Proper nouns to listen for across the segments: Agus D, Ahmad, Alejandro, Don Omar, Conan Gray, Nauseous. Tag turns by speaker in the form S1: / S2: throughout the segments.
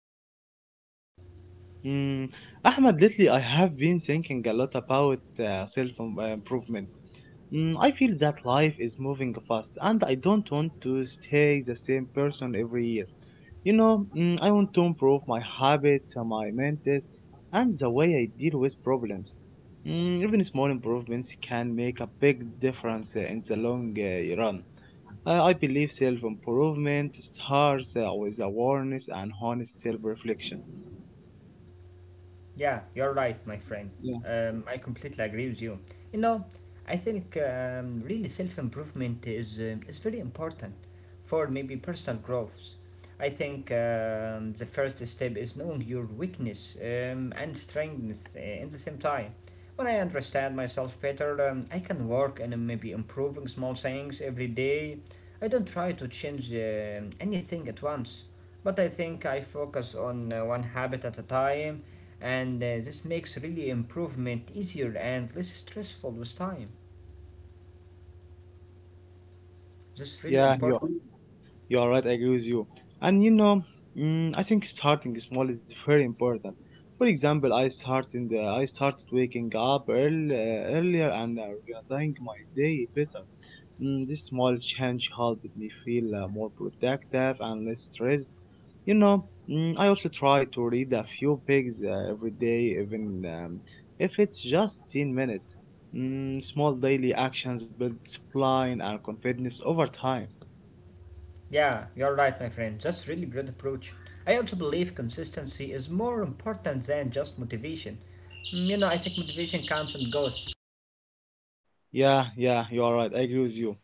S1: fine, my friend, thank you.
S2: Mm, Ahmad, lately I have been thinking a lot about self improvement. I feel that life is moving fast and I don't want to stay the same person every year. I want to improve my habits, my mentors, and the way I deal with problems. Even small improvements can make a big difference in the long run. I believe self improvement starts with awareness and honest self reflection.
S1: Yeah, you're right, my friend.
S2: Yeah,
S1: I completely agree with you. You know, I think really self improvement is very important for maybe personal growth. I think the first step is knowing your weakness and strengths in the same time. When I understand myself better, I can work and maybe improving small things every day. I don't try to change anything at once, but I think I focus on one habit at a time and this makes really improvement easier and less stressful with time. This is really
S2: yeah, you're
S1: important.
S2: you're right. I agree with you. And I think starting small is very important. For example, I started waking up early, earlier and organizing my day better. This small change helped me feel more productive and less stressed. You know, I also try to read a few pages every day, even if it's just 10 minutes. Small daily actions build discipline and confidence over time.
S1: Yeah, you're right, my friend. That's really great approach. I also believe consistency is more important than just motivation. I think motivation comes and goes.
S2: Yeah, yeah, you are right. I agree with you.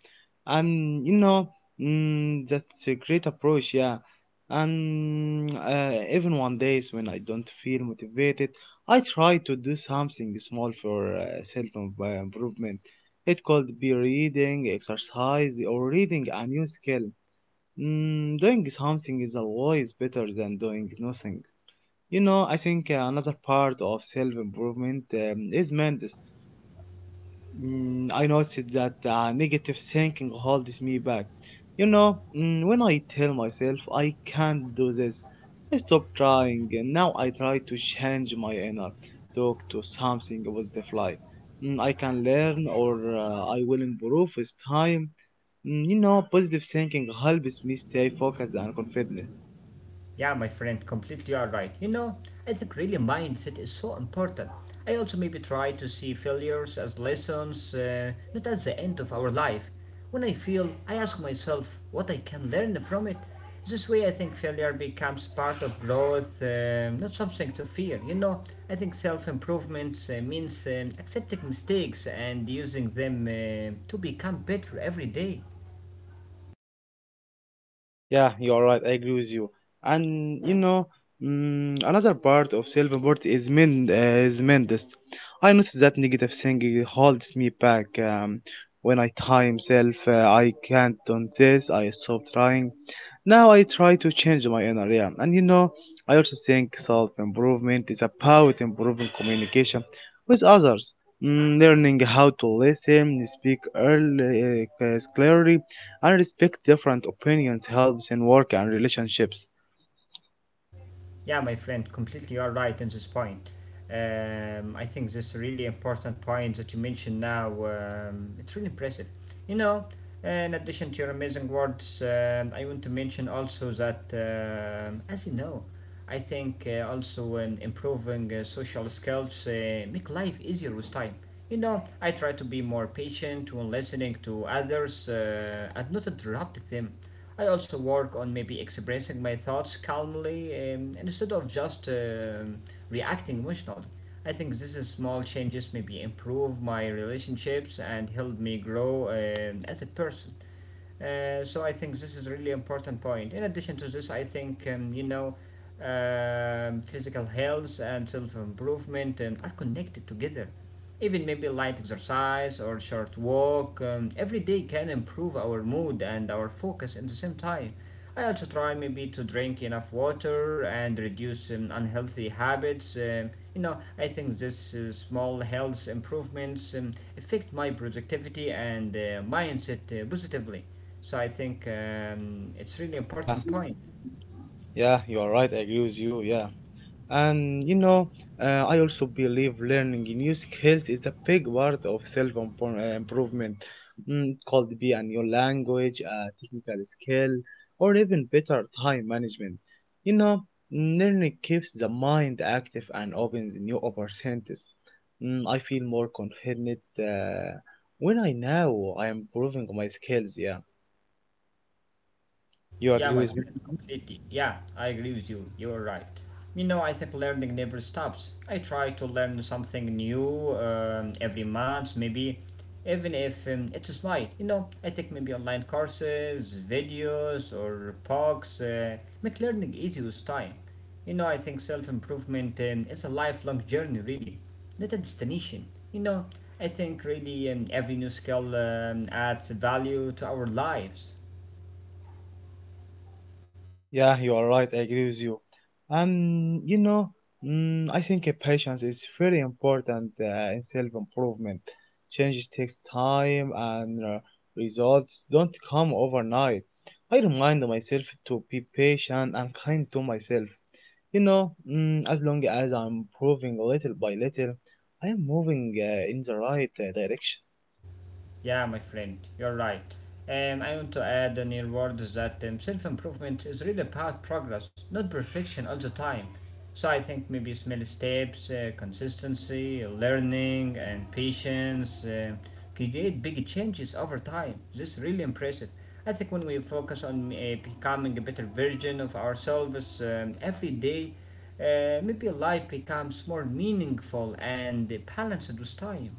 S2: And that's a great approach. Yeah, and even one days when I don't feel motivated, I try to do something small for self improvement. It could be reading, exercise, or reading a new skill. Doing something is always better than doing nothing. I think another part of self improvement is mindset. I noticed that negative thinking holds me back. When I tell myself I can't do this, I stop trying, and now I try to change my inner talk to something positive like, I can learn or I will improve with time. Positive thinking helps me stay focused and confident.
S1: Yeah, my friend, completely are right. I think really mindset is so important. I also maybe try to see failures as lessons, not as the end of our life. When I feel, I ask myself what I can learn from it. This way, I think failure becomes part of growth, not something to fear. I think self improvement means accepting mistakes and using them to become better every day.
S2: Yeah, you're right. I agree with you. And another part of self-import is mindset. I notice that negative thinking holds me back. When I tell myself I can't do this, I stop trying. Now I try to change my inner area. And I also think self improvement is about improving communication with others, learning how to listen, speak early, clearly, and respect different opinions helps in work and relationships.
S1: Yeah, my friend, completely all right on this point. I think this really important point that you mentioned now. It's really impressive. You know, in addition to your amazing words, I want to mention also that, as you know, I think also in improving social skills make life easier with time. I try to be more patient when listening to others and not interrupting them. I also work on maybe expressing my thoughts calmly instead of just reacting emotionally. I think these small changes maybe improve my relationships and help me grow as a person. So I think this is a really important point. In addition to this, I think physical health and self improvement are connected together. Even maybe light exercise or short walk every day can improve our mood and our focus at the same time. I also try maybe to drink enough water and reduce unhealthy habits. I think this small health improvements affect my productivity and mindset positively. So I think it's really
S2: Yeah,
S1: important point.
S2: yeah, you are right. I agree with you. Yeah. And I also believe learning new skills is a big part of self improvement. Could be a new language, a technical skill, or even better time management. You know, Learning keeps the mind active and opens new opportunities. I feel more confident when I know I am improving my skills. Yeah, you agree
S1: Yeah,
S2: with
S1: my
S2: me?
S1: friend, completely. Yeah, I agree with you. You're right. I think learning never stops. I try to learn something new every month, maybe, even if it's a smile. I take maybe online courses, videos, or books. Make learning easy with time. I think self improvement is a lifelong journey, really, not a destination. I think really every new skill adds value to our lives.
S2: Yeah, you are right. I agree with you. And I think patience is very important in self-improvement. Changes takes time, and results don't come overnight. I remind myself to be patient and kind to myself. As long as I'm improving little by little, I am moving in the right direction.
S1: Yeah, my friend, you're right. I want to add in your words that self improvement is really about progress, not perfection all the time. So I think maybe small steps, consistency, learning, and patience create big changes over time. This is really impressive. I think when we focus on becoming a better version of ourselves every day, maybe life becomes more meaningful and balanced with time.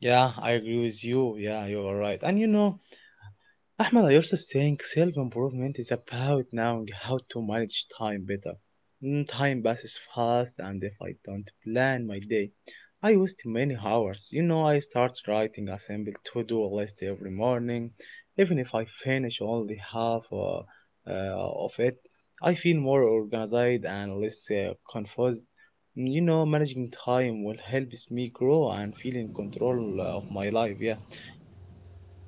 S2: Yeah, I agree with you. Yeah, you are right. And you know. Ahmed, I also think self improvement is about knowing how to manage time better. Time passes fast, and if I don't plan my day, I waste many hours. I start writing a simple to do list every morning. Even if I finish only half uh, of it, I feel more organized and less confused. Managing time will help me grow and feel in control of my life, yeah.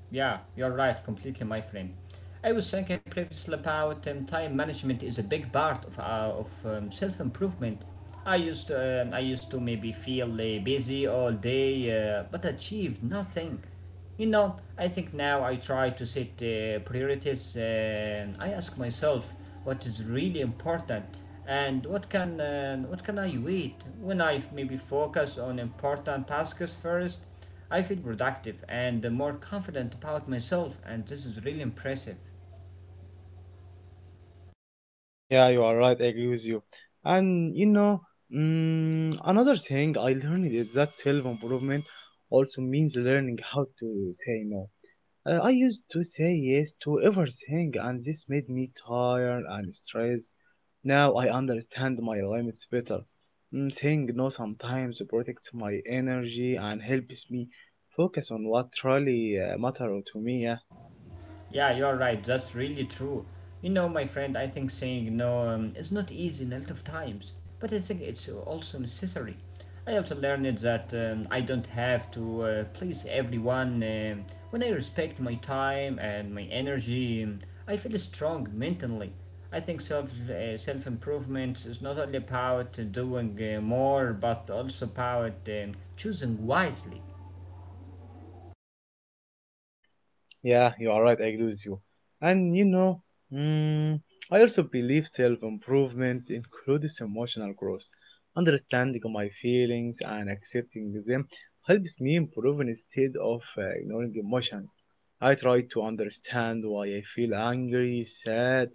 S1: Yeah, you're right, completely, my friend. I was thinking previously about time management is a big part of self improvement. I used to maybe feel busy all day, but achieved nothing. I think now I try to set priorities. And I ask myself what is really important and what can I wait when I maybe focus on important tasks first. I feel productive and more confident about myself, and this is really impressive.
S2: Yeah, you are right. I agree with you. And another thing I learned is that self improvement also means learning how to say no. I used to say yes to everything, and this made me tired and stressed. Now I understand my limits better. Saying no sometimes protects my energy and helps me focus on what really matters to me. Yeah.
S1: Yeah, you're right. That's really true. My friend, I think saying no is not easy in a lot of times, but I think it's also necessary. I also learned that I don't have to please everyone. When I respect my time and my energy, I feel strong mentally. I think self improvement is not only about doing more, but also about choosing wisely.
S2: Yeah, you are right. I agree with you. And mm, I also believe self improvement includes emotional growth. Understanding my feelings and accepting them helps me improve instead of ignoring emotions. I try to understand why I feel angry, sad,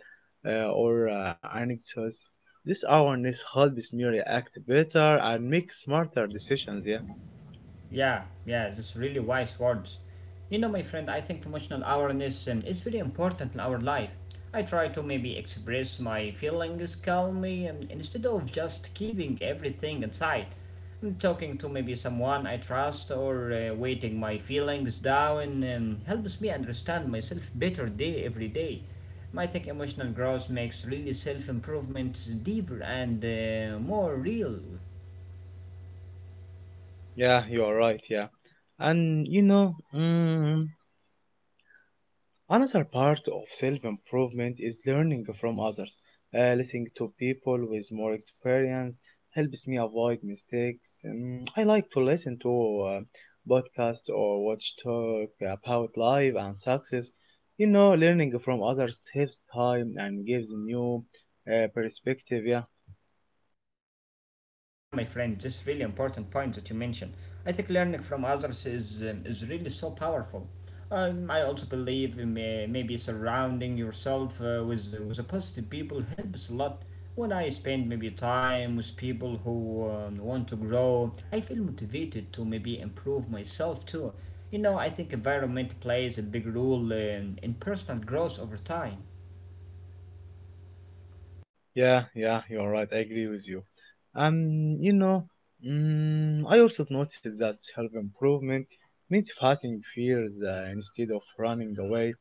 S2: or anxious. This awareness helps me react better and make smarter decisions. Yeah,
S1: Yeah, yeah, just really wise words. My friend, I think emotional awareness is very important in our life. I try to maybe express my feelings calmly instead of just keeping everything inside. I'm talking to maybe someone I trust or waiting my feelings down helps me understand myself better day every day. I think emotional growth makes really self improvement deeper and more real.
S2: yeah, you are right. Yeah. and you know. Mm, Another part of self improvement is learning from others. Listening to people with more experience helps me avoid mistakes. I like to listen to podcasts or watch talk about life and success. Learning from others saves time and gives new perspective. Yeah.
S1: Yeah, my friend, this is really important point that you mentioned. I think learning from others is really so powerful. I also believe in, maybe surrounding yourself with a positive people helps a lot. When I spend maybe time with people who want to grow, I feel motivated to maybe improve myself too. I think environment plays a big role in personal growth over time.
S2: Yeah, yeah, you're right. I agree with you. Um, you know, I also noticed that self-improvement means facing fears instead of running away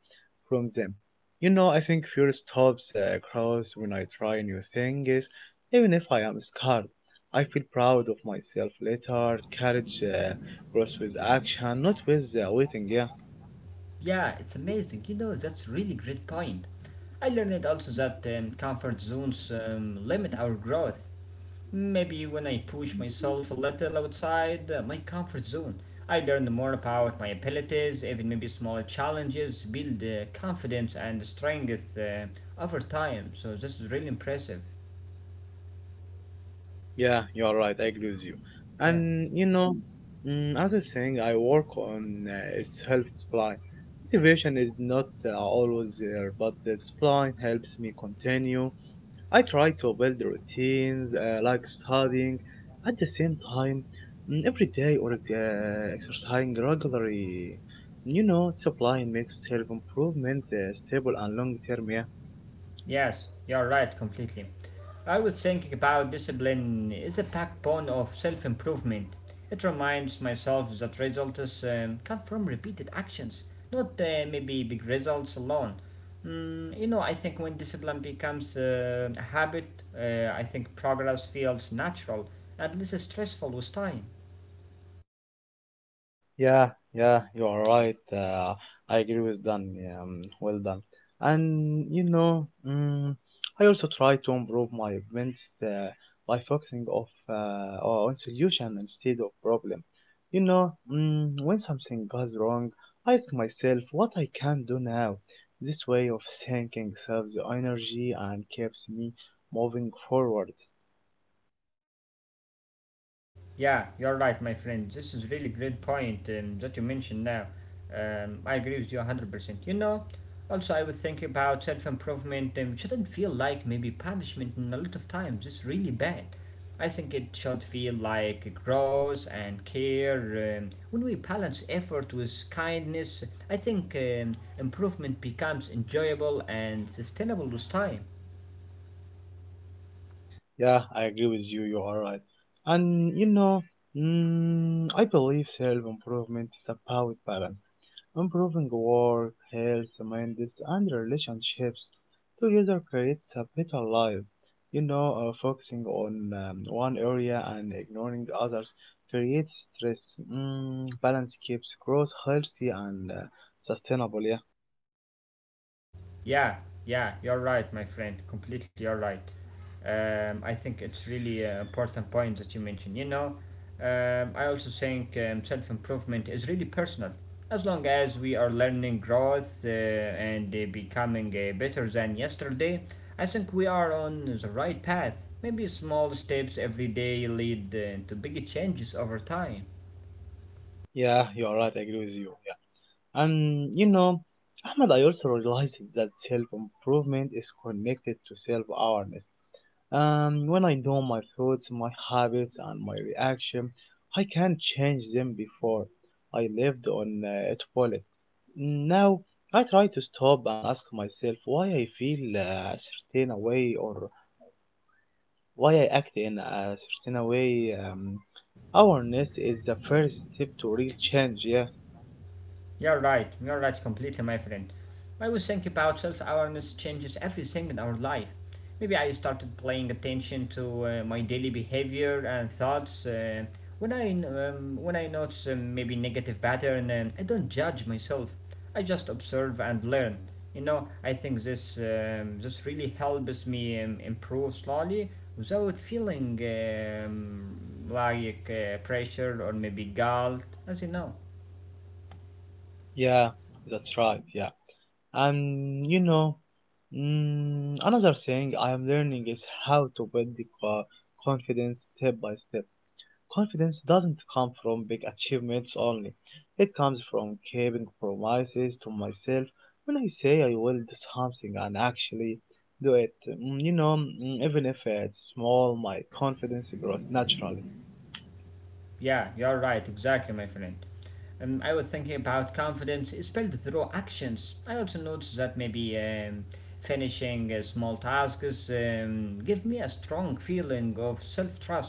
S2: from them. I think fear stops cross when I try new things, even if I am scared. I feel proud of myself later. Courage grows with action, not with waiting. Yeah.
S1: Yeah, it's amazing. That's really great point. I learned also that comfort zones limit our growth. Maybe when I push myself a little outside my comfort zone, I learn more about my abilities, even maybe smaller challenges, build confidence and strength over time. So this is really impressive.
S2: Yeah, you are right. I agree with you.
S1: Yeah.
S2: And other thing I work on is help supply. Motivation is not always there, but the supply helps me continue. I try to build routines like studying at the same time, every day or exercising regularly. Supply makes self improvement stable and long term. Yeah.
S1: Yes, you're right completely. I was thinking about discipline is a backbone of self improvement. It reminds myself that results come from repeated actions, not maybe big results alone. I think when discipline becomes a habit, I think progress feels natural and less stressful with time.
S2: Yeah, yeah, you are right. I agree with Dan. Well done. And I also try to improve my events by focusing of on solution instead of problem. When something goes wrong, I ask myself what I can do now. This way of thinking saves energy and keeps me moving forward.
S1: Yeah, you're right, my friend. This is really great point that you mentioned now. I agree with you 100%. Also I would think about self-improvement shouldn't feel like maybe punishment in a lot of times. It's really bad. I think it should feel like growth and care. When we balance effort with kindness, I think improvement becomes enjoyable and sustainable with time.
S2: Yeah, I agree with you. You are right. And I believe self-improvement is about balance, improving work, health, minds, and relationships. Together creates a better life. Focusing on one area and ignoring the others creates stress. Balance keeps growth healthy and sustainable. Yeah,
S1: Yeah, yeah, you're right, my friend. Completely, you're right. I think it's really an important point that you mentioned. I also think self improvement is really personal. As long as we are learning growth and becoming better than yesterday, I think we are on the right path. Maybe small steps every day lead to big changes over time.
S2: yeah, you are right. I agree with you. And Ahmad, I also realized that self improvement is connected to self awareness. When I know my thoughts, my habits, and my reaction, I can change them before. I lived on it. Now I try to stop and ask myself why I feel a certain way or why I act in a certain way. Awareness is the first step to real change. Yeah,
S1: You're right completely, my friend. I was thinking about self awareness changes everything in our life. Maybe I started paying attention to my daily behavior and thoughts. When I notice maybe negative pattern, I don't judge myself. I just observe and learn. I think this really helps me improve slowly without feeling like pressure or maybe guilt, as you know.
S2: yeah, that's right. Yeah. And another thing I am learning is how to build the confidence step by step. Confidence doesn't come from big achievements only. It comes from keeping promises to myself. When I say I will do something and actually do it, even if it's small, my confidence grows naturally.
S1: Yeah, you're right, exactly, my friend. I was thinking about confidence is built through actions. I also noticed that maybe finishing small tasks give me a strong feeling of self trust.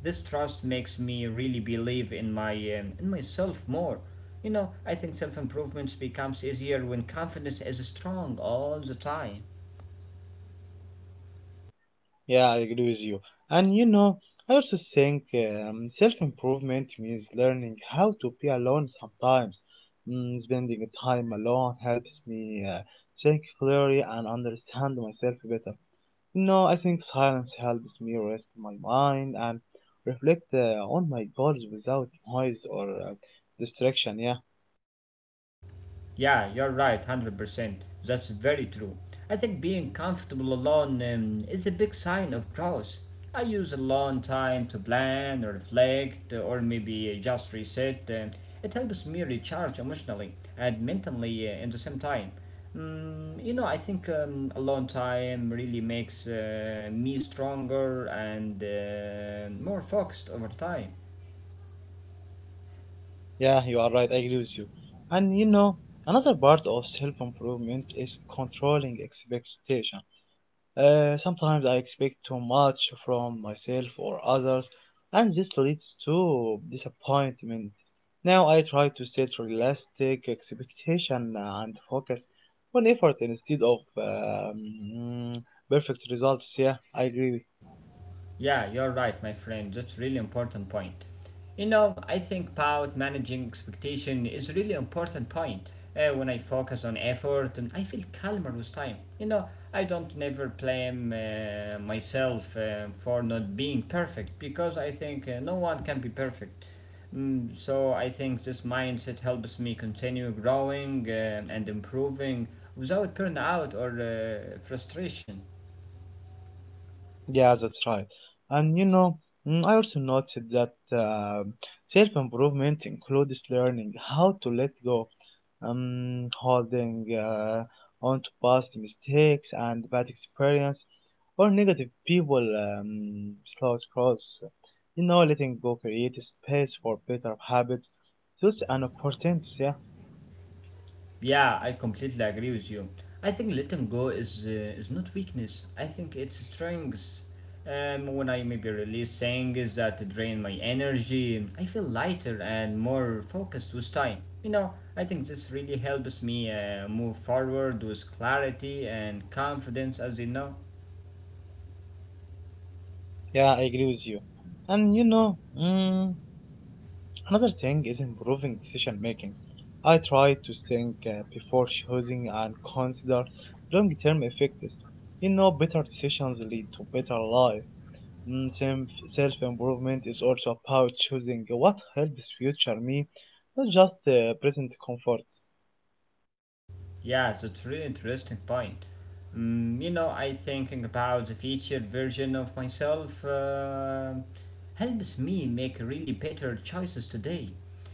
S1: This trust makes me really believe in myself more. I think self improvement becomes easier when confidence is strong all the time.
S2: Yeah, I agree with you. And I also think self improvement means learning how to be alone sometimes. Spending time alone helps me think clearly and understand myself better. I think silence helps me rest my mind and reflect on my goals without noise or distraction. Yeah,
S1: Yeah, you're right, 100%. That's very true. I think being comfortable alone is a big sign of growth. I use alone time to plan or reflect or maybe just reset. It helps me recharge emotionally and mentally in the same time. I think alone time really makes me stronger and more focused over time.
S2: yeah, you are right. I agree with you. And another part of self improvement is controlling expectations. Sometimes I expect too much from myself or others, and this leads to disappointment. Now I try to set realistic expectation and focus on effort instead of perfect results. Yeah, I agree.
S1: Yeah, you're right, my friend. That's really important point. I think about managing expectation is really important point. When I focus on effort, and I feel calmer with time. I don't never blame myself for not being perfect because I think no one can be perfect. So I think this mindset helps me continue growing and improving without burnout or frustration.
S2: Yeah, that's right. And I also noticed that um self improvement includes learning how to let go, holding on to past mistakes and bad experience or negative people slows growth. Letting go creates space for better habits. So an opportunity. Yeah,
S1: Yeah, I completely agree with you. I think letting go is not weakness. I think it's strength. When I maybe release things that drain my energy, I feel lighter and more focused with time. You know, I think this really helps me move forward with clarity and confidence, as you know.
S2: yeah, I agree with you. And another thing is improving decision making. I try to think before choosing and consider long-term effects. Better decisions lead to better life. Self-improvement is also about choosing what helps future me, not just present comfort.
S1: Yeah, that's really interesting point. I thinking about the future version of myself helps me make really better choices today.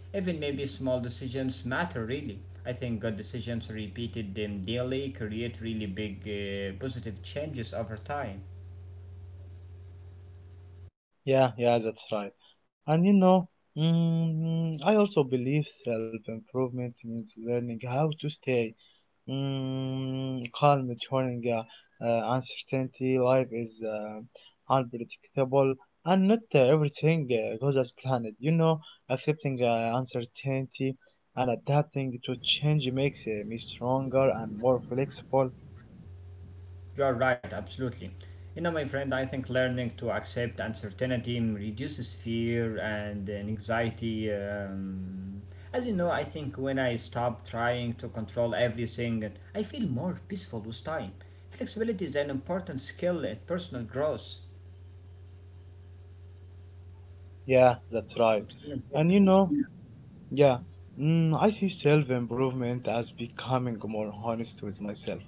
S1: Even maybe small decisions matter really. I think good decisions repeated them daily create really big positive changes over time.
S2: Yeah, yeah, that's right. And I also believe self-improvement means learning how to stay calm during uncertainty. Life is unpredictable, and not everything goes as planned. Accepting uncertainty and adapting to change makes me stronger and more flexible.
S1: You're right, absolutely. You know, my friend, I think learning to accept uncertainty reduces fear and anxiety. As you know, I think when I stop trying to control everything, I feel more peaceful with time. Flexibility is an important skill in personal growth.
S2: Yeah, that's
S1: It's
S2: right.
S1: really important.
S2: And yeah, I see self improvement as becoming more honest with myself.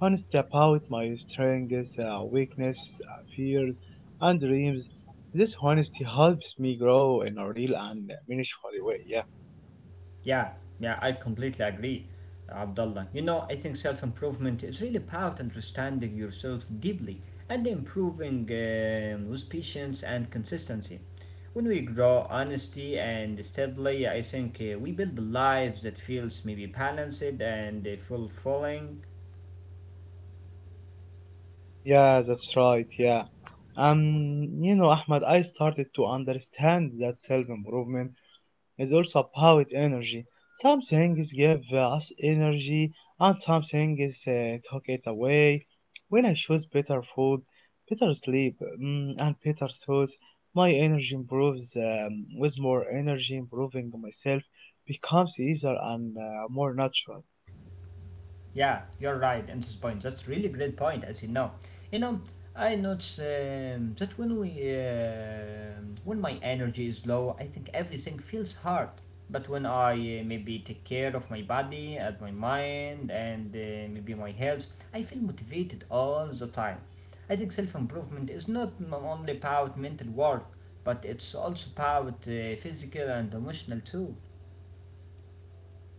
S2: Honest about my strengths, weaknesses, fears, and dreams. This honesty helps me grow in a real and meaningful way. Yeah,
S1: Yeah, yeah, I completely agree, Abdullah. You know, I think self improvement is really about understanding yourself deeply and improving with patience and consistency. When we grow honesty and steadily, I think we build lives that feels maybe balanced and fulfilling.
S2: yeah, that's right. Yeah, Ahmad, I started to understand that self improvement is also about energy. Some things give us energy and some things uh, take it away. When I choose better food, better sleep, and better thoughts, my energy improves. With more energy, improving myself becomes easier and more natural.
S1: Yeah, you're right in this point. That's really great point, as you know. You know, I notice that when my energy is low, I think everything feels hard. But when I, maybe take care of my body and my mind and maybe my health, I feel motivated all the time. I think self improvement is not only about mental work, but it's also about physical and emotional too.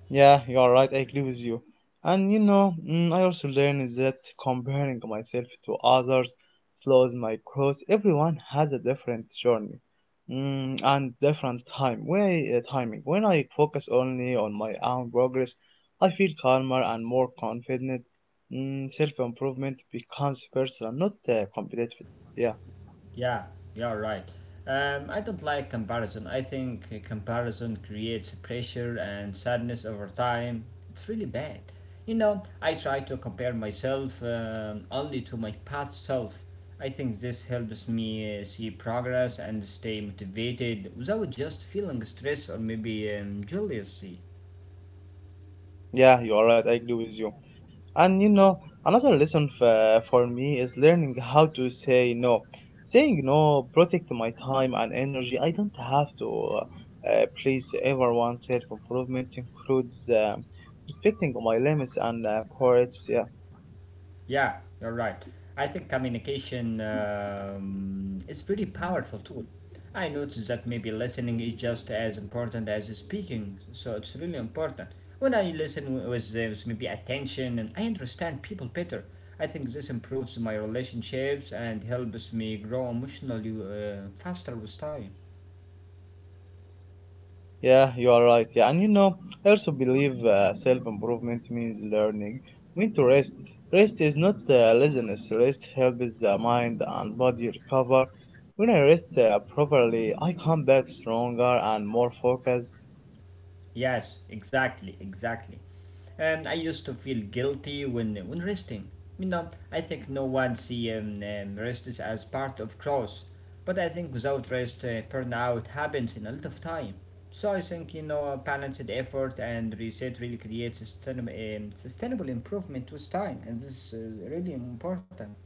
S2: Yeah, you are right. I agree with you. And you know, I also learned that comparing myself to others slows my growth. Everyone has a different journey and different time. Timing. When I focus only on my own progress, I feel calmer and more confident. Self improvement becomes personal, not competitive. Yeah.
S1: Yeah, you're right. I don't like comparison. I think comparison creates pressure and sadness over time. It's really bad. You know, I try to compare myself only to my past self. I think this helps me see progress and stay motivated without just feeling stress or maybe jealousy.
S2: Yeah, you are right. I agree with you. And you know, another lesson for me is learning how to say no. Saying no protect my time and energy. I don't have to please everyone. Self improvement includes respecting my limits and priorities.
S1: Yeah, you're right. I think communication is very powerful tool. I noticed that maybe listening is just as important as speaking, so it's really important. When I listen with maybe attention and I understand people better, I think this improves my relationships and helps me grow emotionally faster with time.
S2: Yeah, you are right. Yeah, and you know, I also believe self-improvement means learning. When to rest. Rest is not laziness. Rest helps the mind and body recover. When I rest properly, I come back stronger and more focused.
S1: Yes, exactly, exactly. I used to feel guilty when resting. You know, I think no one see rest as part of growth, but I think without rest, burnout happens in a lot of time. So I think you know, balanced effort and reset really creates sustainable, sustainable improvement with time, and this is really important.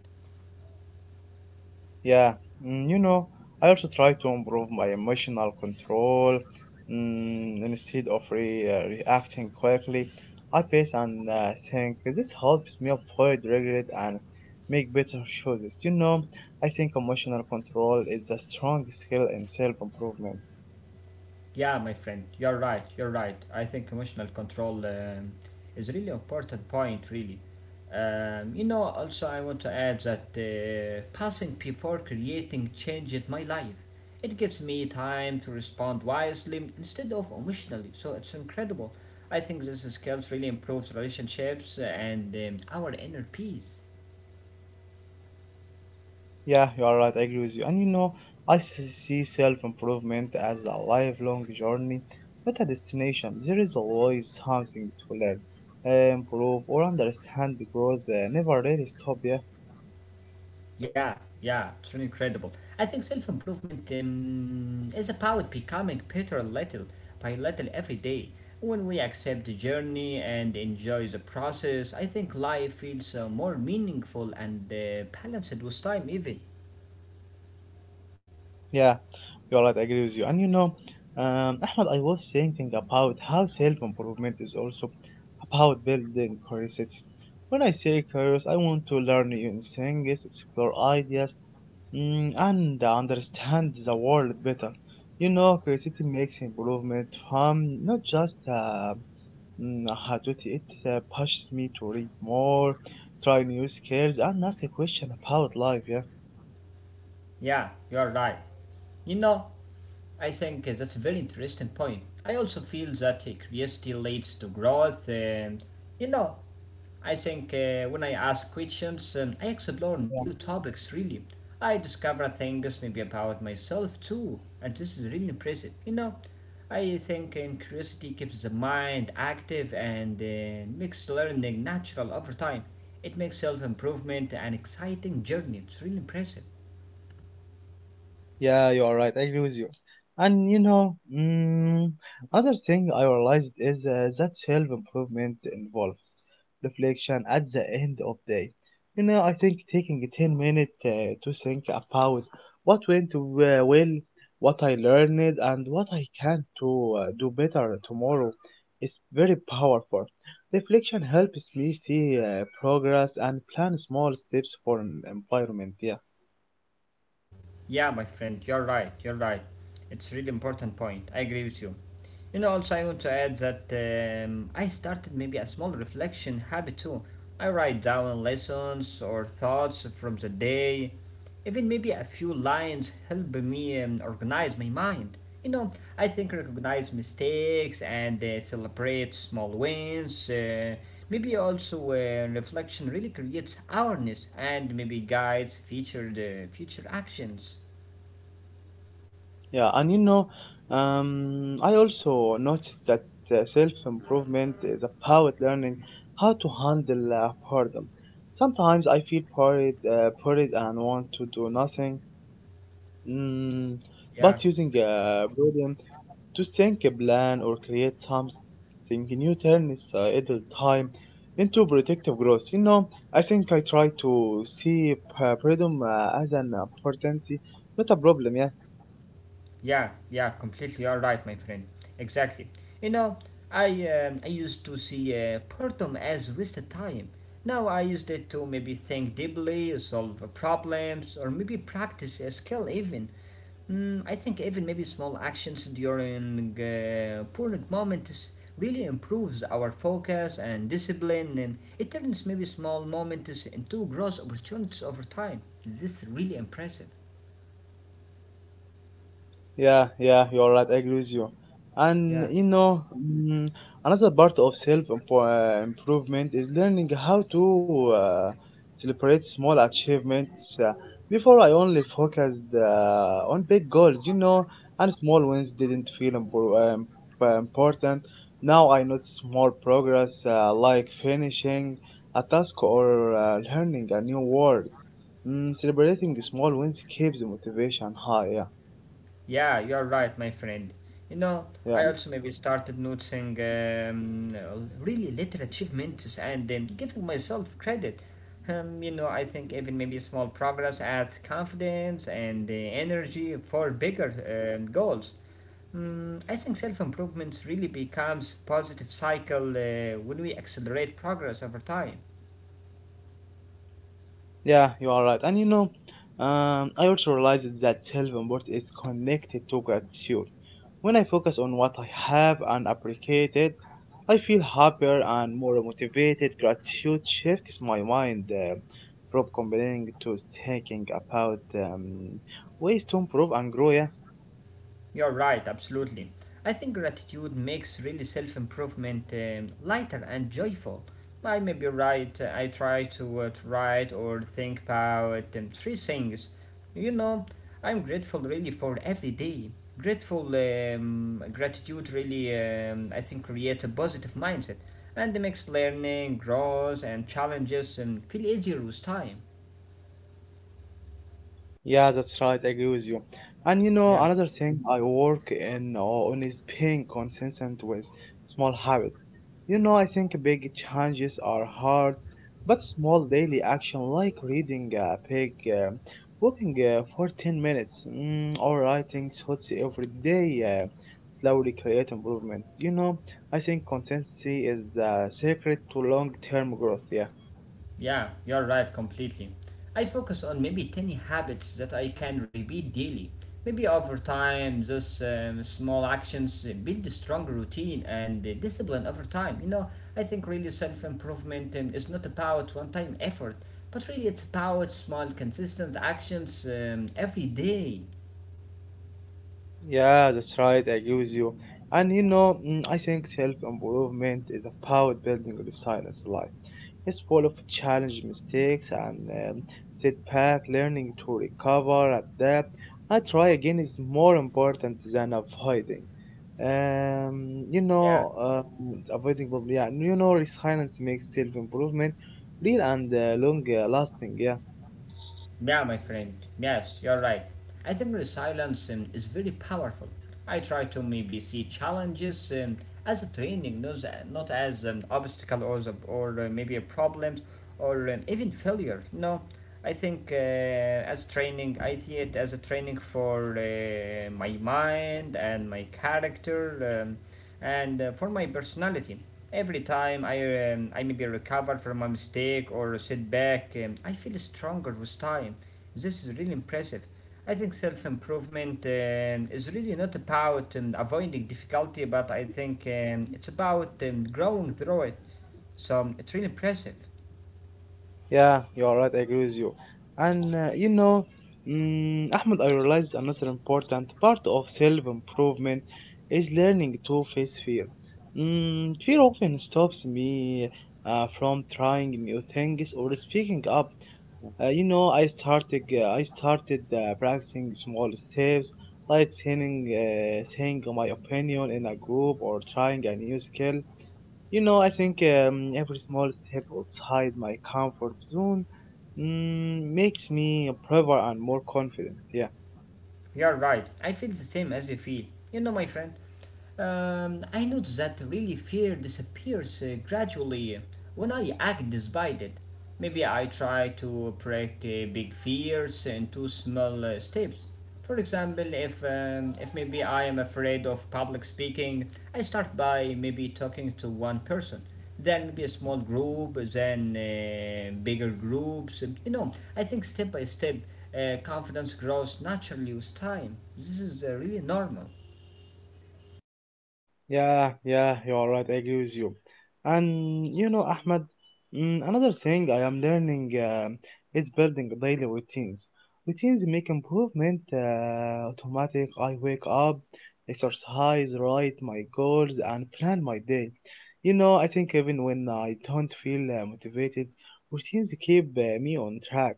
S2: Yeah, you know, I also try to improve my emotional control. Instead of reacting quickly, I pace and think. This helps me avoid regret and make better choices. You know, I think emotional control is a strong skill in self improvement.
S1: Yeah, my friend, you're right, you're right. I think emotional control is really important point, really. You know, also I want to add that passing before creating change in my life. It gives me time to respond wisely instead of emotionally, so it's incredible. I think this skills really improves relationships and our inner peace.
S2: Yeah, you are right. I agree with you. And you know, I see self improvement as a lifelong journey, not a destination. There is always something to learn, improve, or understand because they never really stop. Yeah,
S1: Yeah, yeah, it's really incredible. I think self improvement is about becoming better little by little every day. When we accept the journey and enjoy the process, I think life feels more meaningful and balanced with time, even.
S2: yeah, you are right. I agree with you. And you know, Ahmed, I was thinking about how self improvement is also about building curiosity. When I say curious, I want to learn new things, explore ideas, and understand the world better. You know, curiosity makes improvement fun, not just how to it. It pushes me to read more, try new skills, and ask a question about life. Yeah.
S1: Yeah, you're right. You know, I think that's a very interesting point. I also feel that curiosity leads to growth. And, you know, I think when I ask questions, I explore new topics really. I discover things maybe about myself too, and this is really impressive. You know, I think curiosity keeps the mind active and makes learning natural over time. It makes self improvement an exciting journey. It's really impressive.
S2: Yeah, you are right. I agree with you. And you know, another thing I realized is that self improvement involves reflection at the end of day. You know, I think taking a 10 minute to think about what went well, what I learned, and what I can to do better tomorrow is very powerful. Reflection helps me see progress and plan small steps for an environment. Yeah.
S1: Yeah, my friend, you're right, you're right. It's a really important point. I agree with you. You know, also I want to add that I started maybe a small reflection habit too. I write down lessons or thoughts from the day. Even maybe a few lines help me organize my mind. You know, I think recognize mistakes and celebrate small wins. Maybe also reflection really creates awareness and maybe guides future future actions.
S2: Yeah, and you know, I also noticed that self-improvement is about learning how to handle boredom. Sometimes I feel bored and want to do nothing. Mm,
S1: Yeah,
S2: but using boredom to think a plan or create something new turns idle time into productive growth. You know, I think I try to see boredom as an opportunity, not a problem. Yeah.
S1: yeah, yeah, completely. You're right, my friend. Exactly. You know, I used to see boredom as wasted time. Now I used it to maybe think deeply, solve problems, or maybe practice a skill even. Mm, I think even maybe small actions during boring moments really improves our focus and discipline, and it turns maybe small moments into gross opportunities over time. This is really impressive.
S2: Yeah, yeah, you're right. I agree with you. And
S1: Yeah.
S2: you know, another part of self improvement is learning how to celebrate small achievements. Uh, before, I only focused on big goals, you know, and small wins didn't feel important. Now I notice small progress, like finishing a task or learning a new word. Celebrating small wins keeps motivation high. Yeah,
S1: Yeah, you are right, my friend. You know,
S2: yeah.
S1: I also maybe started noticing really little achievements and giving myself credit. You know, I think even maybe small progress adds confidence and energy for bigger goals. Mm, I think self improvements really becomes positive cycle when we accelerate progress over time.
S2: Yeah, you are right. And you know, I also realized that self-worth is connected to gratitude. When I focus on what I have and appreciate it, I feel happier and more motivated. Gratitude shifts my mind from complaining to thinking about ways to improve and grow. Yeah.
S1: You're right, absolutely. I think gratitude makes really self improvement lighter and joyful. I may be right, I try to write or think about three things. You know, I'm grateful really for every day. Grateful, gratitude really, I think, creates a positive mindset and makes learning, growth, and challenges feel easier with time.
S2: Yeah, that's right. I agree with you. And you
S1: Yeah.
S2: know, another thing I work in on is being consistent with small habits. You know, I think big changes are hard, but small daily action like reading a page, walking for 10 minutes, or writing thoughts every day slowly create improvement. You know, I think consistency is the secret to long-term growth. Yeah.
S1: Yeah, you're right completely. I focus on maybe tiny habits that I can repeat daily. Maybe over time, those small actions build a strong routine and discipline over time. You know, I think really self improvement is not about one time effort, but really it's about small, consistent actions every day.
S2: Yeah, that's right. I agree with you. And you know, I think self-improvement is about building resilience in life. It's full of challenge, mistakes, and setback. Learning to recover, adapt, and try again is more important than avoiding. Um, you
S1: Yeah.
S2: know, Avoiding problem. Yeah, you know, resilience makes self-improvement real and long-lasting. Yeah.
S1: Yeah, my friend. Yes, you're right. I think resilience is very powerful. I try to maybe see challenges as a training, not, not as an obstacle or maybe a problem or even failure. No, I think as training, I see it as a training for my mind and my character and for my personality. Every time I maybe recover from a mistake or sit back, I feel stronger with time. This is really impressive. I think self improvement is really not about avoiding difficulty, but I think it's about growing through it. So it's really impressive.
S2: Yeah, you're right. I agree with you. And you know, Ahmed, I realized another important part of self-improvement is learning to face fear. Fear often stops me from trying new things or speaking up. You know, I started practicing small steps, like saying my opinion in a group or trying a new skill. You know, I think every small step outside my comfort zone makes me braver and more confident. Yeah.
S1: You're right. I feel the same as you feel. You know, my friend, I notice that really fear disappears gradually when I act despite it. Maybe I try to break big fears into small steps. For example, if maybe I am afraid of public speaking, I start by maybe talking to one person, then maybe a small group, then bigger groups. You know, I think step by step, confidence grows naturally with time. This is really normal.
S2: Yeah, yeah, you are right. I agree with you. And you know, Ahmed, another thing I am learning is building daily routines. Routines make improvement automatic. I wake up, exercise, write my goals, and plan my day. You know, I think even when I don't feel motivated, routines keep me on track.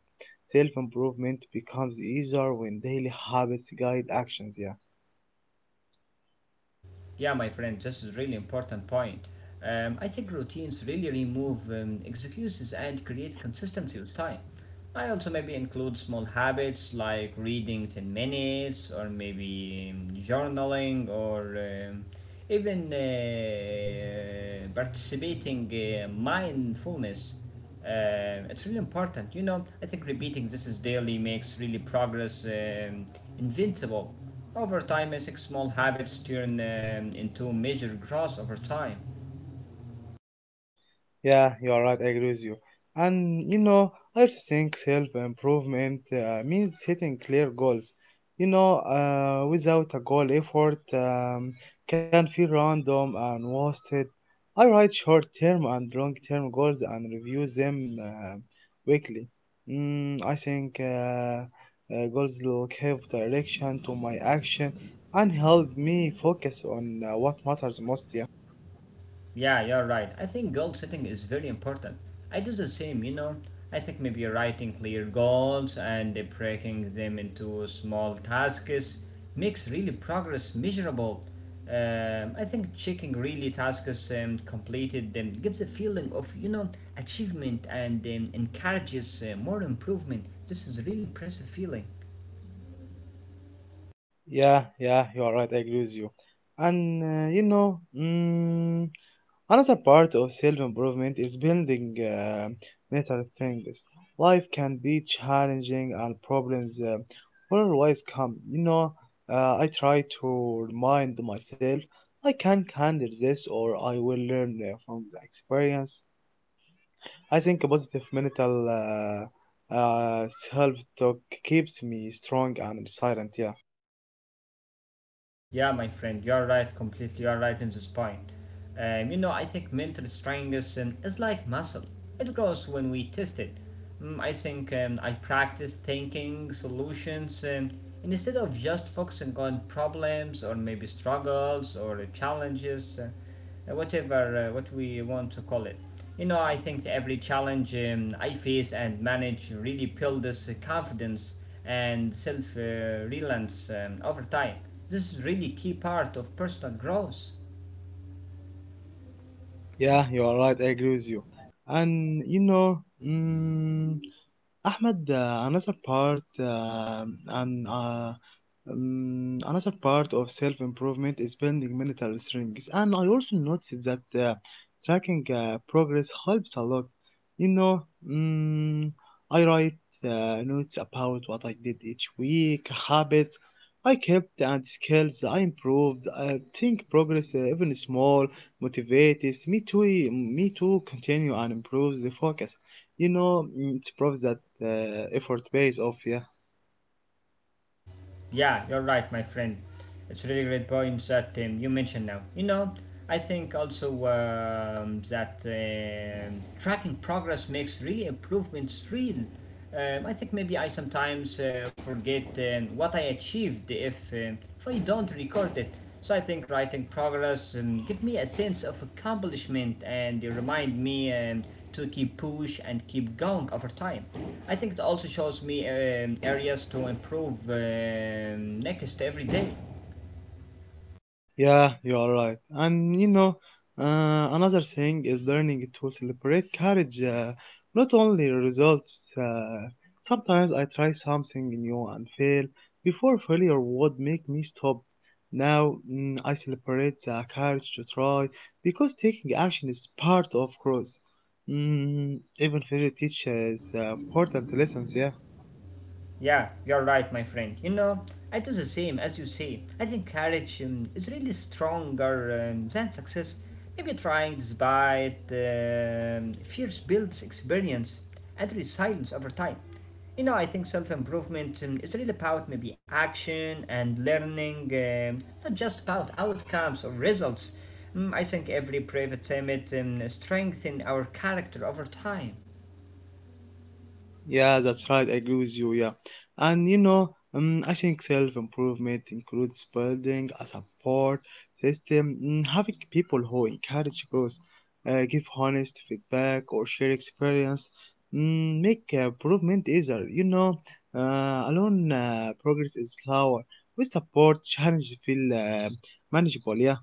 S2: Self improvement becomes easier when daily habits guide actions. Yeah.
S1: Yeah, my friend, this is really important point. I think routines really remove excuses and create consistency with time. I also maybe include small habits like reading 10 minutes or maybe journaling or even participating mindfulness. It's really important. You know, I think repeating this is daily makes really progress invincible. Over time, I think small habits turn into major growth over time.
S2: Yeah, you are right. I agree with you. And you know, I also think self-improvement means setting clear goals. You know, without a goal, effort can feel random and wasted. I write short-term and long-term goals and review them weekly. I think goals will give direction to my action and help me focus on what matters most. Yeah.
S1: Yeah, you're right. I think goal setting is very important. I do the same, you know. I think maybe writing clear goals and breaking them into small tasks makes really progress measurable. I think checking really tasks completed gives a feeling of, you know, achievement and encourages more improvement. This is a really impressive feeling.
S2: Yeah, yeah, you are right. I agree with you. And you know, another part of self improvement is building mental strength. Life can be challenging and problems will always come. You know, I try to remind myself I can handle this or I will learn from the experience. I think a positive mental uh, uh, self talk keeps me strong and resilient. Yeah.
S1: Yeah, my friend, you're right, completely, you're right in this point. You know, I think mental strength is like muscle, it grows when we test it. Mm, I think I practice thinking solutions and instead of just focusing on problems or maybe struggles or challenges. Whatever what we want to call it. You know, I think every challenge I face and manage really builds confidence and self reliance over time. This is really key part of personal growth.
S2: Yeah, you are right. I agree with you. And you know, mm, Ahmed, another part of self-improvement is building mental strength. And I also noticed that tracking progress helps a lot. You know, I write notes about what I did each week, habits I kept, and skills I improved. I think progress, even small, motivates me to continue and improve the focus. You know, it proves that effort pays off, yeah.
S1: Yeah, you're right, my friend. It's really great points that you mentioned now. You know, I think also that tracking progress makes really improvements real. I think maybe I sometimes forget what I achieved if I don't record it. So I think writing progress give me a sense of accomplishment and they remind me to keep push and keep going over time. I think it also shows me areas to improve next every day.
S2: Yeah, you are right. And you know, another thing is learning to celebrate courage, not only results. Sometimes I try something new and fail. Before failure would make me stop. Now I celebrate the courage to try because taking action is part of growth. Even failure teaches important lessons, yeah.
S1: Yeah, you're right, my friend. You know, I do the same as you say. I think courage is really stronger than success. Maybe trying despite fears builds experience and resilience over time. You know, I think self improvement is really about maybe action and learning, not just about outcomes or results. I think every private summit strengthens our character over time.
S2: Yeah, that's right. I agree with you. Yeah, and you know, I think self-improvement includes building a support system, having people who encourage growth, give honest feedback, or share experience, make improvement easier. You know, alone progress is slower. With support, challenges feel manageable. Yeah.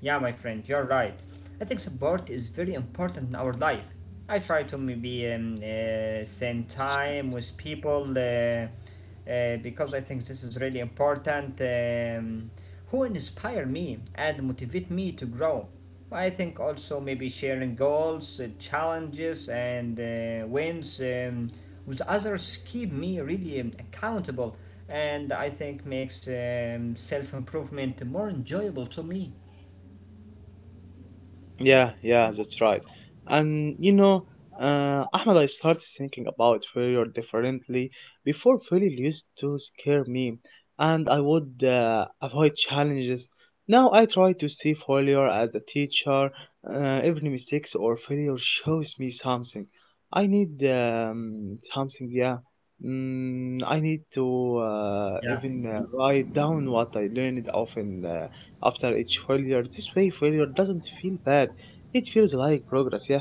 S1: Yeah, my friend, you're right. I think support is very important in our life. I try to maybe spend time with people because I think this is really important. Who inspire me and motivate me to grow. I think also maybe sharing goals, challenges, and wins with others keep me really accountable, and I think makes self improvement more enjoyable to me.
S2: Yeah, yeah, that's right. And you know, Ahmed, I started thinking about failure differently. Before, failure used to scare me, and I would avoid challenges. Now I try to see failure as a teacher. Every mistakes or failure shows me something. I need something, yeah. I need to
S1: Yeah,
S2: even write down what I learned often, after each failure. This way, failure doesn't feel bad, it feels like progress, yeah.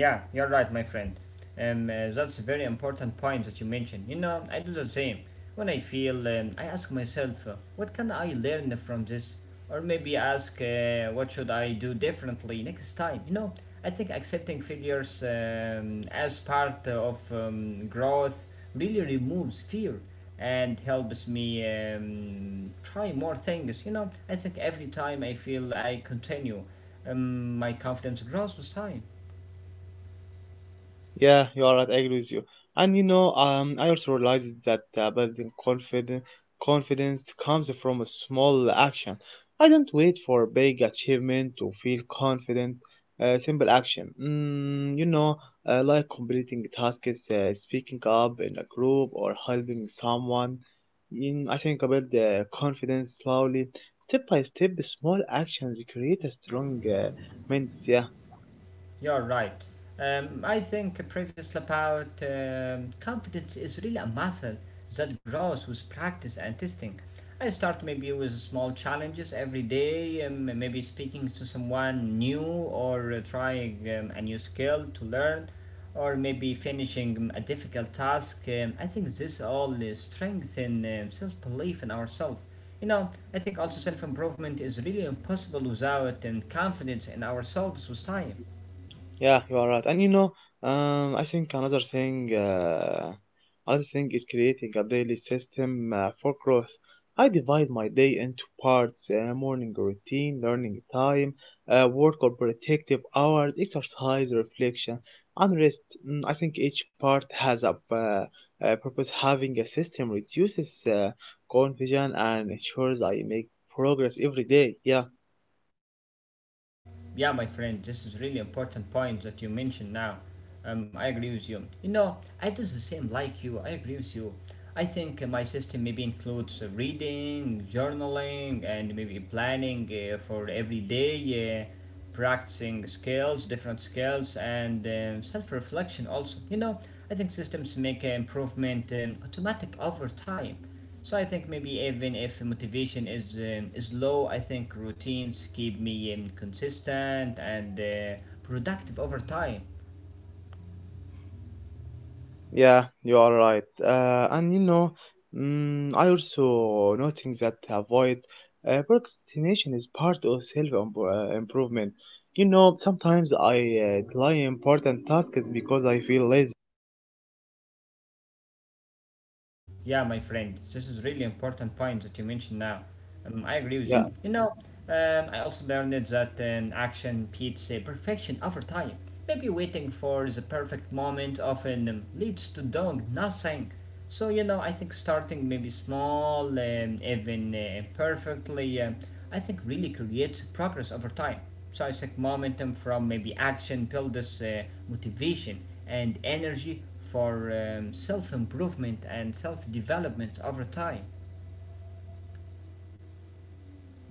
S1: yeah, you're right, my friend. That's a very important point that you mentioned. You know, I do the same. When I feel, I ask myself, what can I learn from this? Or maybe ask, what should I do differently next time? You know, I think accepting failures as part of growth really removes fear and helps me try more things. You know, I think every time I feel I continue, my confidence grows with time.
S2: Yeah, you are right. I agree with you. And you know, I also realized that building confidence comes from a small action. I don't wait for a big achievement to feel confident. Simple action. You know, like completing tasks, speaking up in a group, or helping someone. In, I think about the confidence slowly, step by step. Small actions create a strong mindset.
S1: You're right. I think previously about confidence is really a muscle that grows with practice and testing. I start maybe with small challenges every day, maybe speaking to someone new or trying a new skill to learn, or maybe finishing a difficult task. I think this all strengthen self belief in ourselves. You know, I think also self improvement is really impossible without confidence in ourselves with time.
S2: Yeah, you are right. And you know, I think another thing is creating a daily system for growth. I divide my day into parts: morning routine, learning time, work or protective hours, exercise, reflection, and rest. I think each part has a purpose. Having a system reduces confusion and ensures I make progress every day. Yeah.
S1: Yeah, my friend, this is really important point that you mentioned now. I agree with you. You know, I do the same like you. I agree with you. I think my system maybe includes reading, journaling, and maybe planning for every day, practicing skills, different skills, and self-reflection also. You know, I think systems make improvement automatic over time, so I think maybe even if motivation is low, I think routines keep me consistent and productive over time.
S2: Yeah, you are right. And you know, I also noting that avoid procrastination is part of self improvement. You know, sometimes I delay important tasks because I feel lazy.
S1: Yeah, my friend, this is really important point that you mentioned now. I agree with
S2: Yeah,
S1: you. You know, I also learned that action beats perfection over time. Maybe waiting for the perfect moment often leads to doing nothing. So you know, I think starting maybe small, even perfectly, I think really creates progress over time. So I think momentum from maybe action builds motivation and energy for self improvement and self development over time.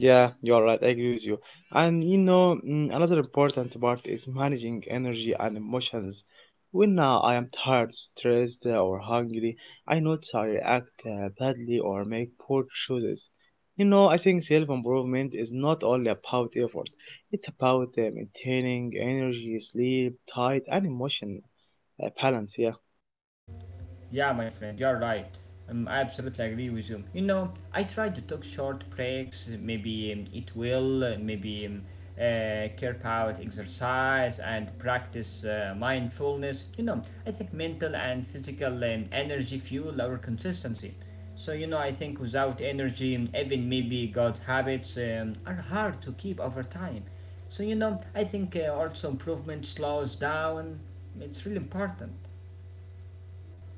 S2: yeah, you are right. I agree with you. And you know, another important part is managing energy and emotions. When I am tired, stressed, or hungry, I notice I react badly or make poor choices. You know, I think self improvement is not only about effort, it's about maintaining energy, sleep, diet, and emotion balance. Yeah.
S1: Yeah, my friend, you're right. I absolutely agree with you. You know, I try to take short breaks, maybe it will, maybe carve out exercise and practice mindfulness. You know, I think mental and physical energy fuel our consistency. So, you know, I think without energy, even maybe good habits are hard to keep over time. So, you know, I think also improvement slows down. It's really important.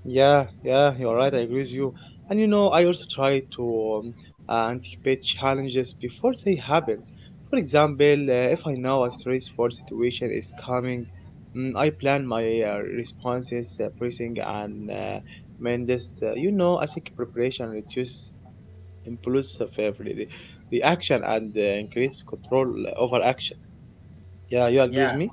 S2: Yeah, yeah, you're right. I agree with you. And you know, I also try to anticipate challenges before they happen. For example, if I know a stressful situation is coming, I plan my responses, bracing, and mendes. You know, I think preparation reduces impulsive reaction and increase control over action. Yeah, you agree
S1: Yeah.
S2: with me?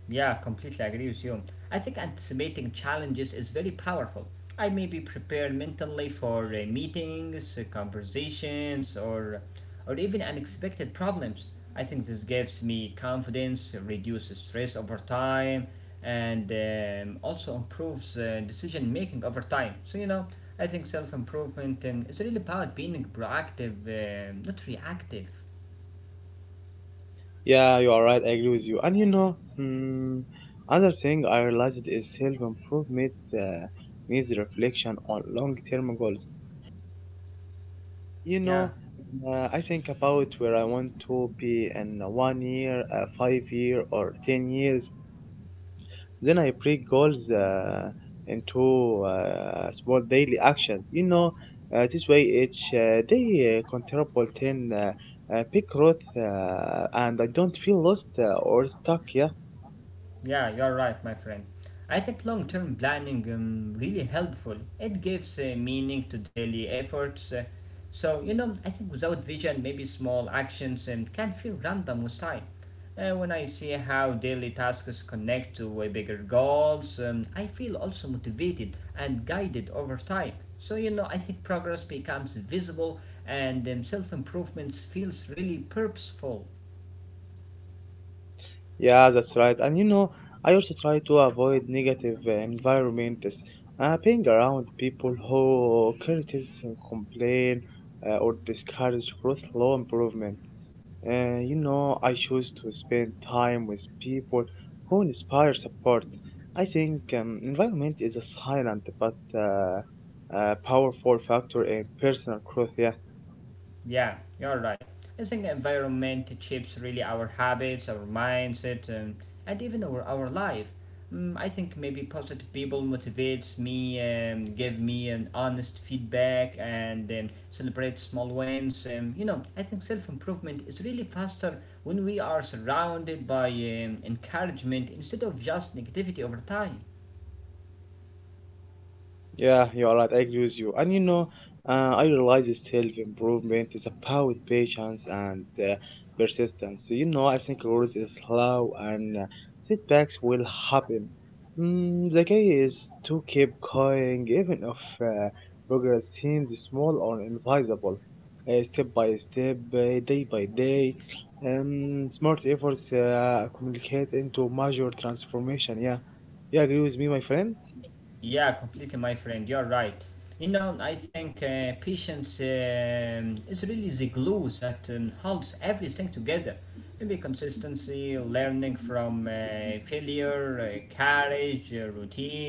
S1: Yeah, completely agree with you. I think anticipating challenges is very powerful. I may be prepared mentally for meetings, conversations, or even unexpected problems. I think this gives me confidence, reduces stress over time, and also improves decision making over time. So you know, I think self improvement is really about being proactive, not reactive.
S2: Yeah, you are right. I agree with you. And you know, another thing I realized is self improvement needs reflection on long term goals. You
S1: Yeah.
S2: know, I think about where I want to be in one year, 5 year, or 10 years. Then I break goals into small daily actions. You know, this way each day contribute 10 big growth, and I don't feel lost or stuck. Yeah.
S1: Yeah, you are right, my friend. I think long term planning really helpful. It gives meaning to daily efforts. So, you know, I think without vision, maybe small actions can feel random with time. When I see how daily tasks connect to bigger goals, I feel also motivated and guided over time. So, you know, I think progress becomes visible and self improvement feels really purposeful.
S2: Yeah, that's right. And you know, I also try to avoid negative environments. Being around people who criticize and complain or discourage growth, law improvement. You know, I choose to spend time with people who inspire support. I think environment is a silent but powerful factor in personal growth. Yeah.
S1: Yeah, you're right. I think the environment shapes really our habits, our mindset, and even our life. Mm, I think maybe positive people motivates me, give me an honest feedback, and celebrate small wins. You know, I think self improvement is really faster when we are surrounded by encouragement instead of just negativity over time.
S2: Yeah, you're right. I agree with you. And you know, I realize self improvement is about patience and persistence. So, you know, I think growth is slow and setbacks will happen. The key is to keep going, even if progress seems small or invisible. Step by step, day by day, smart efforts communicate into major transformation. Yeah, you agree with me, my friend?
S1: Yeah, completely, my friend. You're right. You know, I think patience is really the glue that holds everything together. Maybe consistency, learning from failure, courage, routine.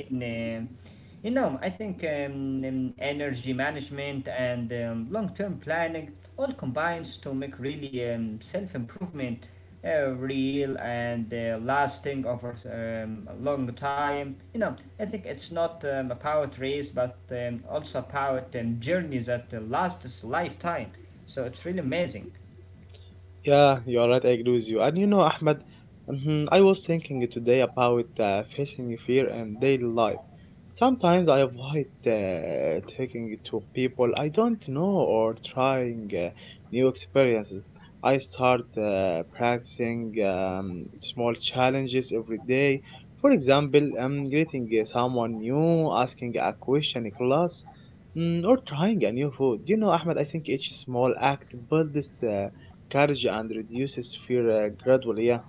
S1: You know, I think energy management and long term planning all combines to make really self improvement real and lasting over a long time. You know, I think it's not about race, but also about journeys that lasts a lifetime. So it's really amazing.
S2: Yeah, you are right. I agree with you. And you know, Ahmed, mhm, I was thinking today about facing fear and daily life. Sometimes I avoid talking to people I don't know or trying new experiences. I start practicing small challenges every day. For example, greeting someone new, asking a question in class, or trying a new food. You know, Ahmed, I think each small act builds courage and reduces fear gradually. Yeah.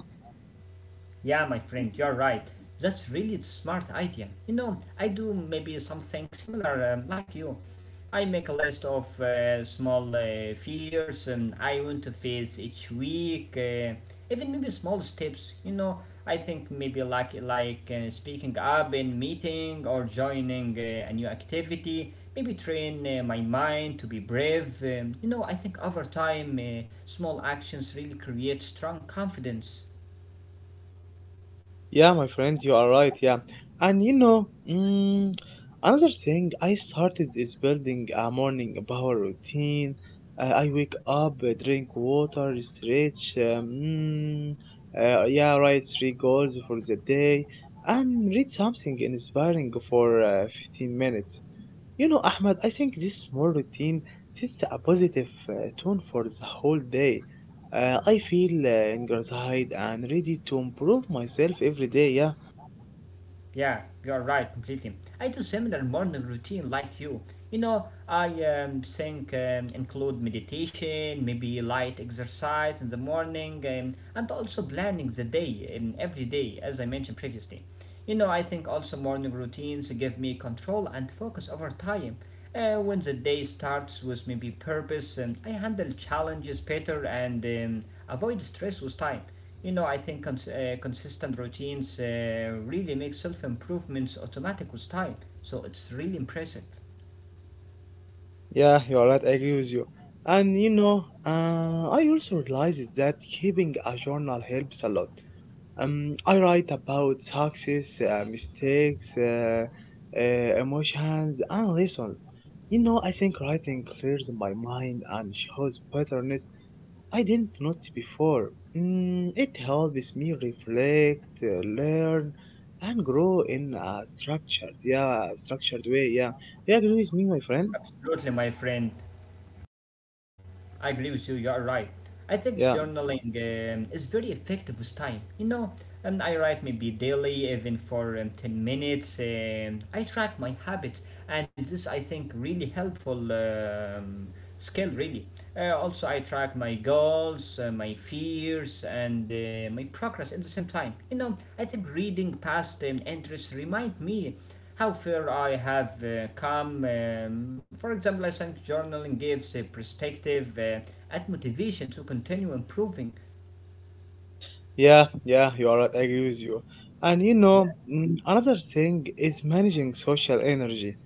S1: Yeah, my friend, you're right. That's really smart idea. You know, I do maybe something similar like you. I make a list of small fears I want to face each week, even maybe small steps. You know, I think maybe like speaking up in meeting or joining a new activity. Maybe train my mind to be brave. You know, I think over time, small actions really create strong confidence.
S2: Yeah, my friend, you are right. Yeah, and you know, another thing I started is building a morning power routine. I wake up, drink water, stretch. Yeah, write three goals for the day, and read something inspiring for 15 minutes. You know, Ahmed, I think this small routine sets a positive tone for the whole day. I feel energized and ready to improve myself every day. Yeah,
S1: Yeah, you're right, completely. I do similar morning routine like you. You know, I think include meditation, maybe light exercise in the morning, and also planning the day every day, as I mentioned previously. You know, I think also morning routines give me control and focus over time. When the day starts with maybe purpose, I handle challenges better and avoid stress with time. You know, I think consistent routines really make self improvements automatic with time. So it's really impressive.
S2: yeah, you're right. I agree with you. And you know, I also realized that keeping a journal helps a lot. I write about success, mistakes, emotions, and lessons. You know, I think writing clears my mind and shows patterns I didn't notice before. It helps me reflect, learn, and grow in a structured, yeah, structured way. Yeah, you agree with me, my friend?
S1: Absolutely, my friend. I agree with you. You are right. I think
S2: Yeah,
S1: journaling is very effective with time. You know, and I write maybe daily, even for 10 minutes. I track my habits, and this I think really helpful skill. Really. Also, I track my goals, my fears, and my progress at the same time. You know, I think reading past interests remind me how far I have come. For example, I think journaling gives a perspective and motivation to continue improving.
S2: yeah, yeah. You are right. I agree with you. And you
S1: Yeah,
S2: know, another thing is managing social energy.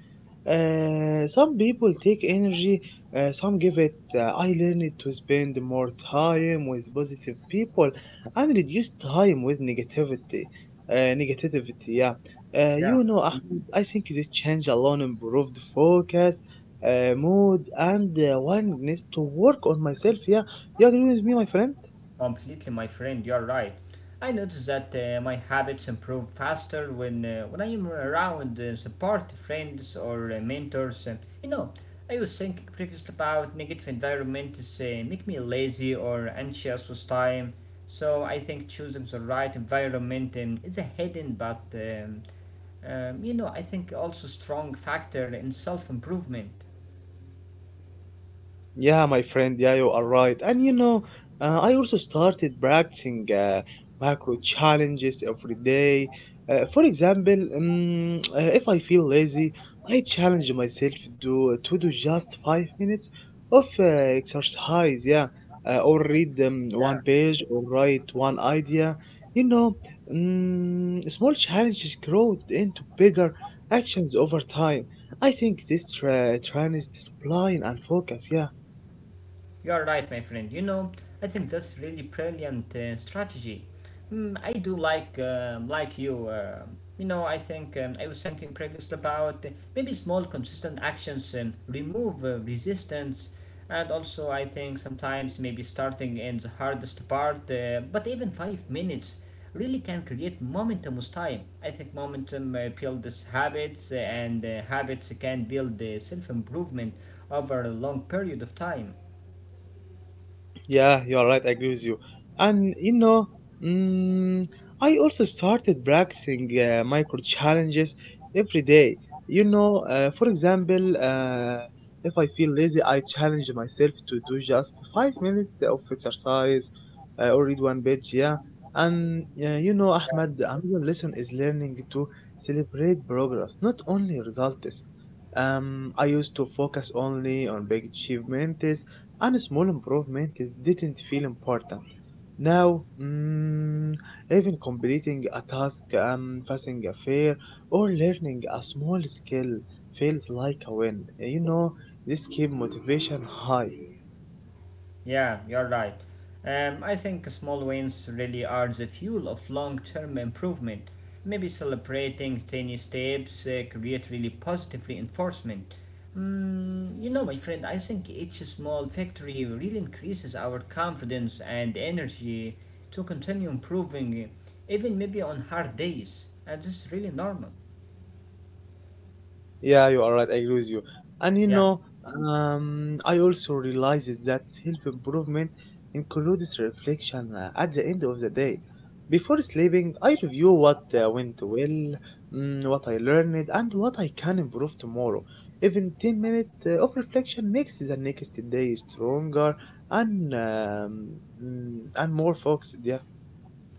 S2: Some people take energy, some give it. I learned to spend more time with positive people and reduce time with negativity. Negativity, yeah. You
S1: yeah,
S2: know, Ahmed, I think this change alone improved focus, mood, and willingness to work on myself. Yeah, you agree with me, my friend?
S1: completely, my friend. You're right. I noticed that my habits improve faster when I am around support friends or mentors. You know, I was thinking previously about negative environments make me lazy or anxious with time. So I think choosing the right environment is a hidden but you know, I think also strong factor in self improvement.
S2: Yeah, my friend, yeah, you are right. And you know, I also started practicing macro challenges every day. For example, if I feel lazy, I challenge myself to do just 5 minutes of exercise, yeah, or read one page or write one idea. You know, small challenges grow into bigger actions over time. I think this trains discipline and focus, yeah.
S1: You're right, my friend. You know, I think that's really brilliant strategy. Mm, I do like you. You know, I think I was thinking previously about maybe small, consistent actions remove resistance, and also I think sometimes maybe starting in the hardest part, but even 5 minutes really can create momentum with time. I think momentum builds habits, and habits can build self improvement over a long period of time.
S2: Yeah, you are right. I agree with you. And you know, mm, I also started practicing micro challenges every day. You know, for example, if I feel lazy, I challenge myself to do just 5 minutes of exercise or read one page. Yeah, and you know, Ahmed, another lesson is learning to celebrate progress, not only results. I used to focus only on big achievements and small improvement didn't feel important. Now, even completing a task, passing a fair, or learning a small skill feels like a win. You know, this keeps motivation high.
S1: Yeah, you're right. I think small wins really are the fuel of long term improvement. Maybe celebrating tiny steps create really positive reinforcement. Mm, you know, my friend, I think each small victory really increases our confidence and energy to continue improving, even maybe on hard days. And this is really normal.
S2: Yeah, you are right. I agree with you. And you
S1: Yeah.
S2: know, I also realized that self-improvement includes reflection at the end of the day. Before sleeping, I review what went well, what I learned, and what I can improve tomorrow. Even 10 minutes of reflection makes the next day stronger and and more focused. Yeah.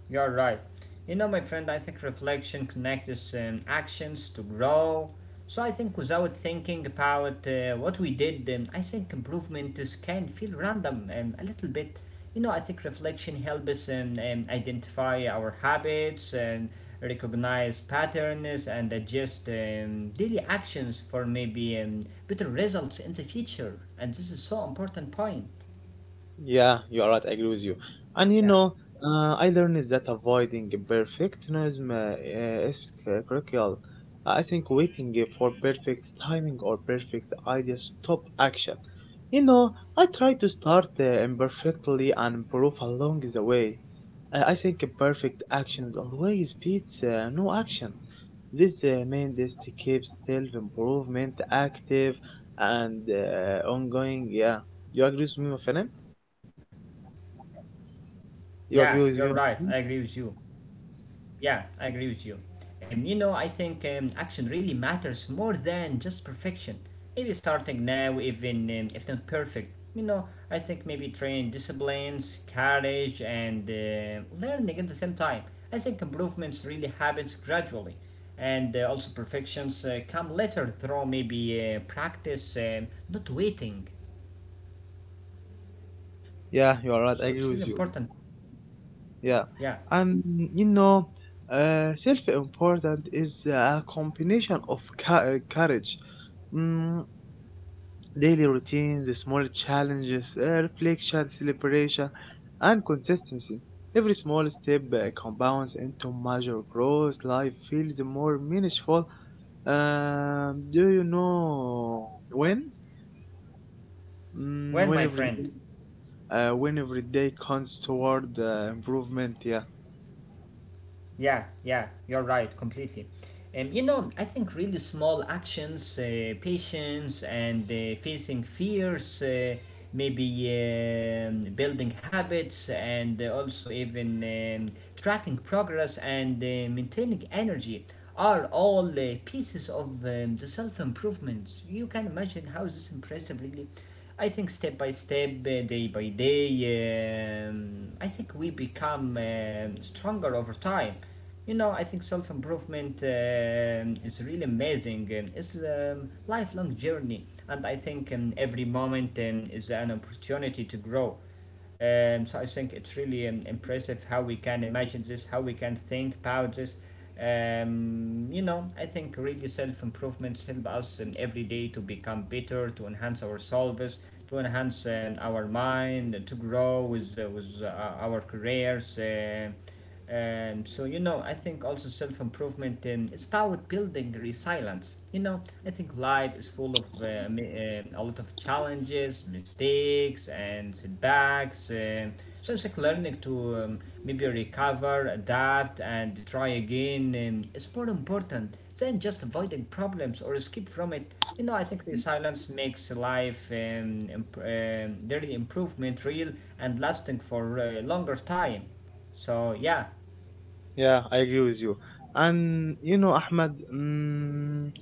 S1: You're right. You know, my friend, I think reflection connects actions to grow. So I think without thinking about what we did, I think improvements can feel random a little bit. You know, I think reflection helps us identify our habits and recognize patterns and adjust daily actions for maybe better results in the future. And this is so important point.
S2: Yeah, you are right. I agree with you. And you
S1: Yeah.
S2: know, I learned that avoiding perfectionism is critical. I think waiting for perfect timing or perfect idea stop action. You know, I try to start imperfectly and improve along the way. I think perfect actions always beats no action. This means to keep self-improvement active and ongoing. Yeah, you agree with me, my friend? You agree
S1: Yeah,
S2: with
S1: you're
S2: me?
S1: right. I agree with you. Yeah, I agree with you. You know, I think action really matters more than just perfection. Maybe starting now, even if not perfect. You know, I think maybe train disciplines, courage, and learning at the same time. I think improvements really happens gradually, and also perfections come later through maybe practice, not waiting.
S2: Yeah, you are right. I
S1: So
S2: agree
S1: it's really
S2: with you.
S1: important.
S2: Yeah,
S1: Yeah.
S2: and you know, self-important is a combination of courage, mm, daily routines, small challenges, reflection, celebration, and consistency. Every small step compounds into major growth. Life feels more meaningful. Do you know when?
S1: Well,
S2: When
S1: my
S2: every
S1: friend,
S2: day when every day counts toward improvement. Yeah,
S1: yeah, yeah, you're right, completely. You know, I think really small actions, patience, and facing fears, maybe building habits, and also even tracking progress and maintaining energy are all pieces of the self improvement. You can imagine how is this impressive, really. I think step by step, day by day, I think we become stronger over time. You know, I think self improvement is really amazing. It's a lifelong journey, and I think every moment is an opportunity to grow. So I think it's really impressive how we can imagine this, how we can think about this. You know, I think really self improvements help us every day to become better, to enhance our selves, to enhance our mind, to grow with our careers. So you know, I think also self improvement is about building resilience. You know, I think life is full of a lot of challenges, mistakes, and setbacks. So it's like learning to maybe recover, adapt, and try again is more important than just avoiding problems or escape from it. You know, I think resilience makes life really improvement real and lasting for a longer time. So yeah,
S2: yeah, I agree with you. And you know, Ahmed, mm,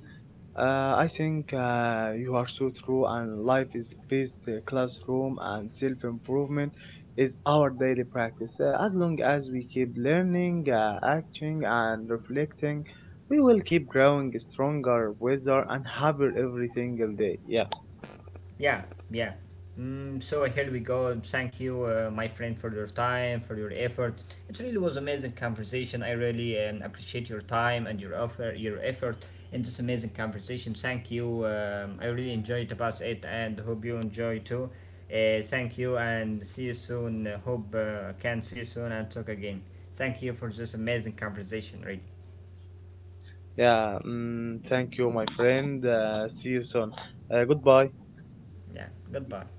S2: uh, I think you are so true. And life is based classroom and self improvement is our daily practice. As long as we keep learning, acting, and reflecting, we will keep growing stronger, wiser, and happier every single day. Yeah.
S1: yeah, yeah. Mm, so here we go. Thank you, my friend, for your time, for your effort. It really was amazing conversation. I really appreciate your time and your offer, your effort in this amazing conversation. Thank you. I really enjoyed about it, and hope you enjoy too. Thank you, and see you soon. Hope can see you soon and talk again. Thank you for this amazing conversation. Really,
S2: Yeah, mm, thank you, my friend. See you soon. Goodbye.
S1: yeah. Goodbye.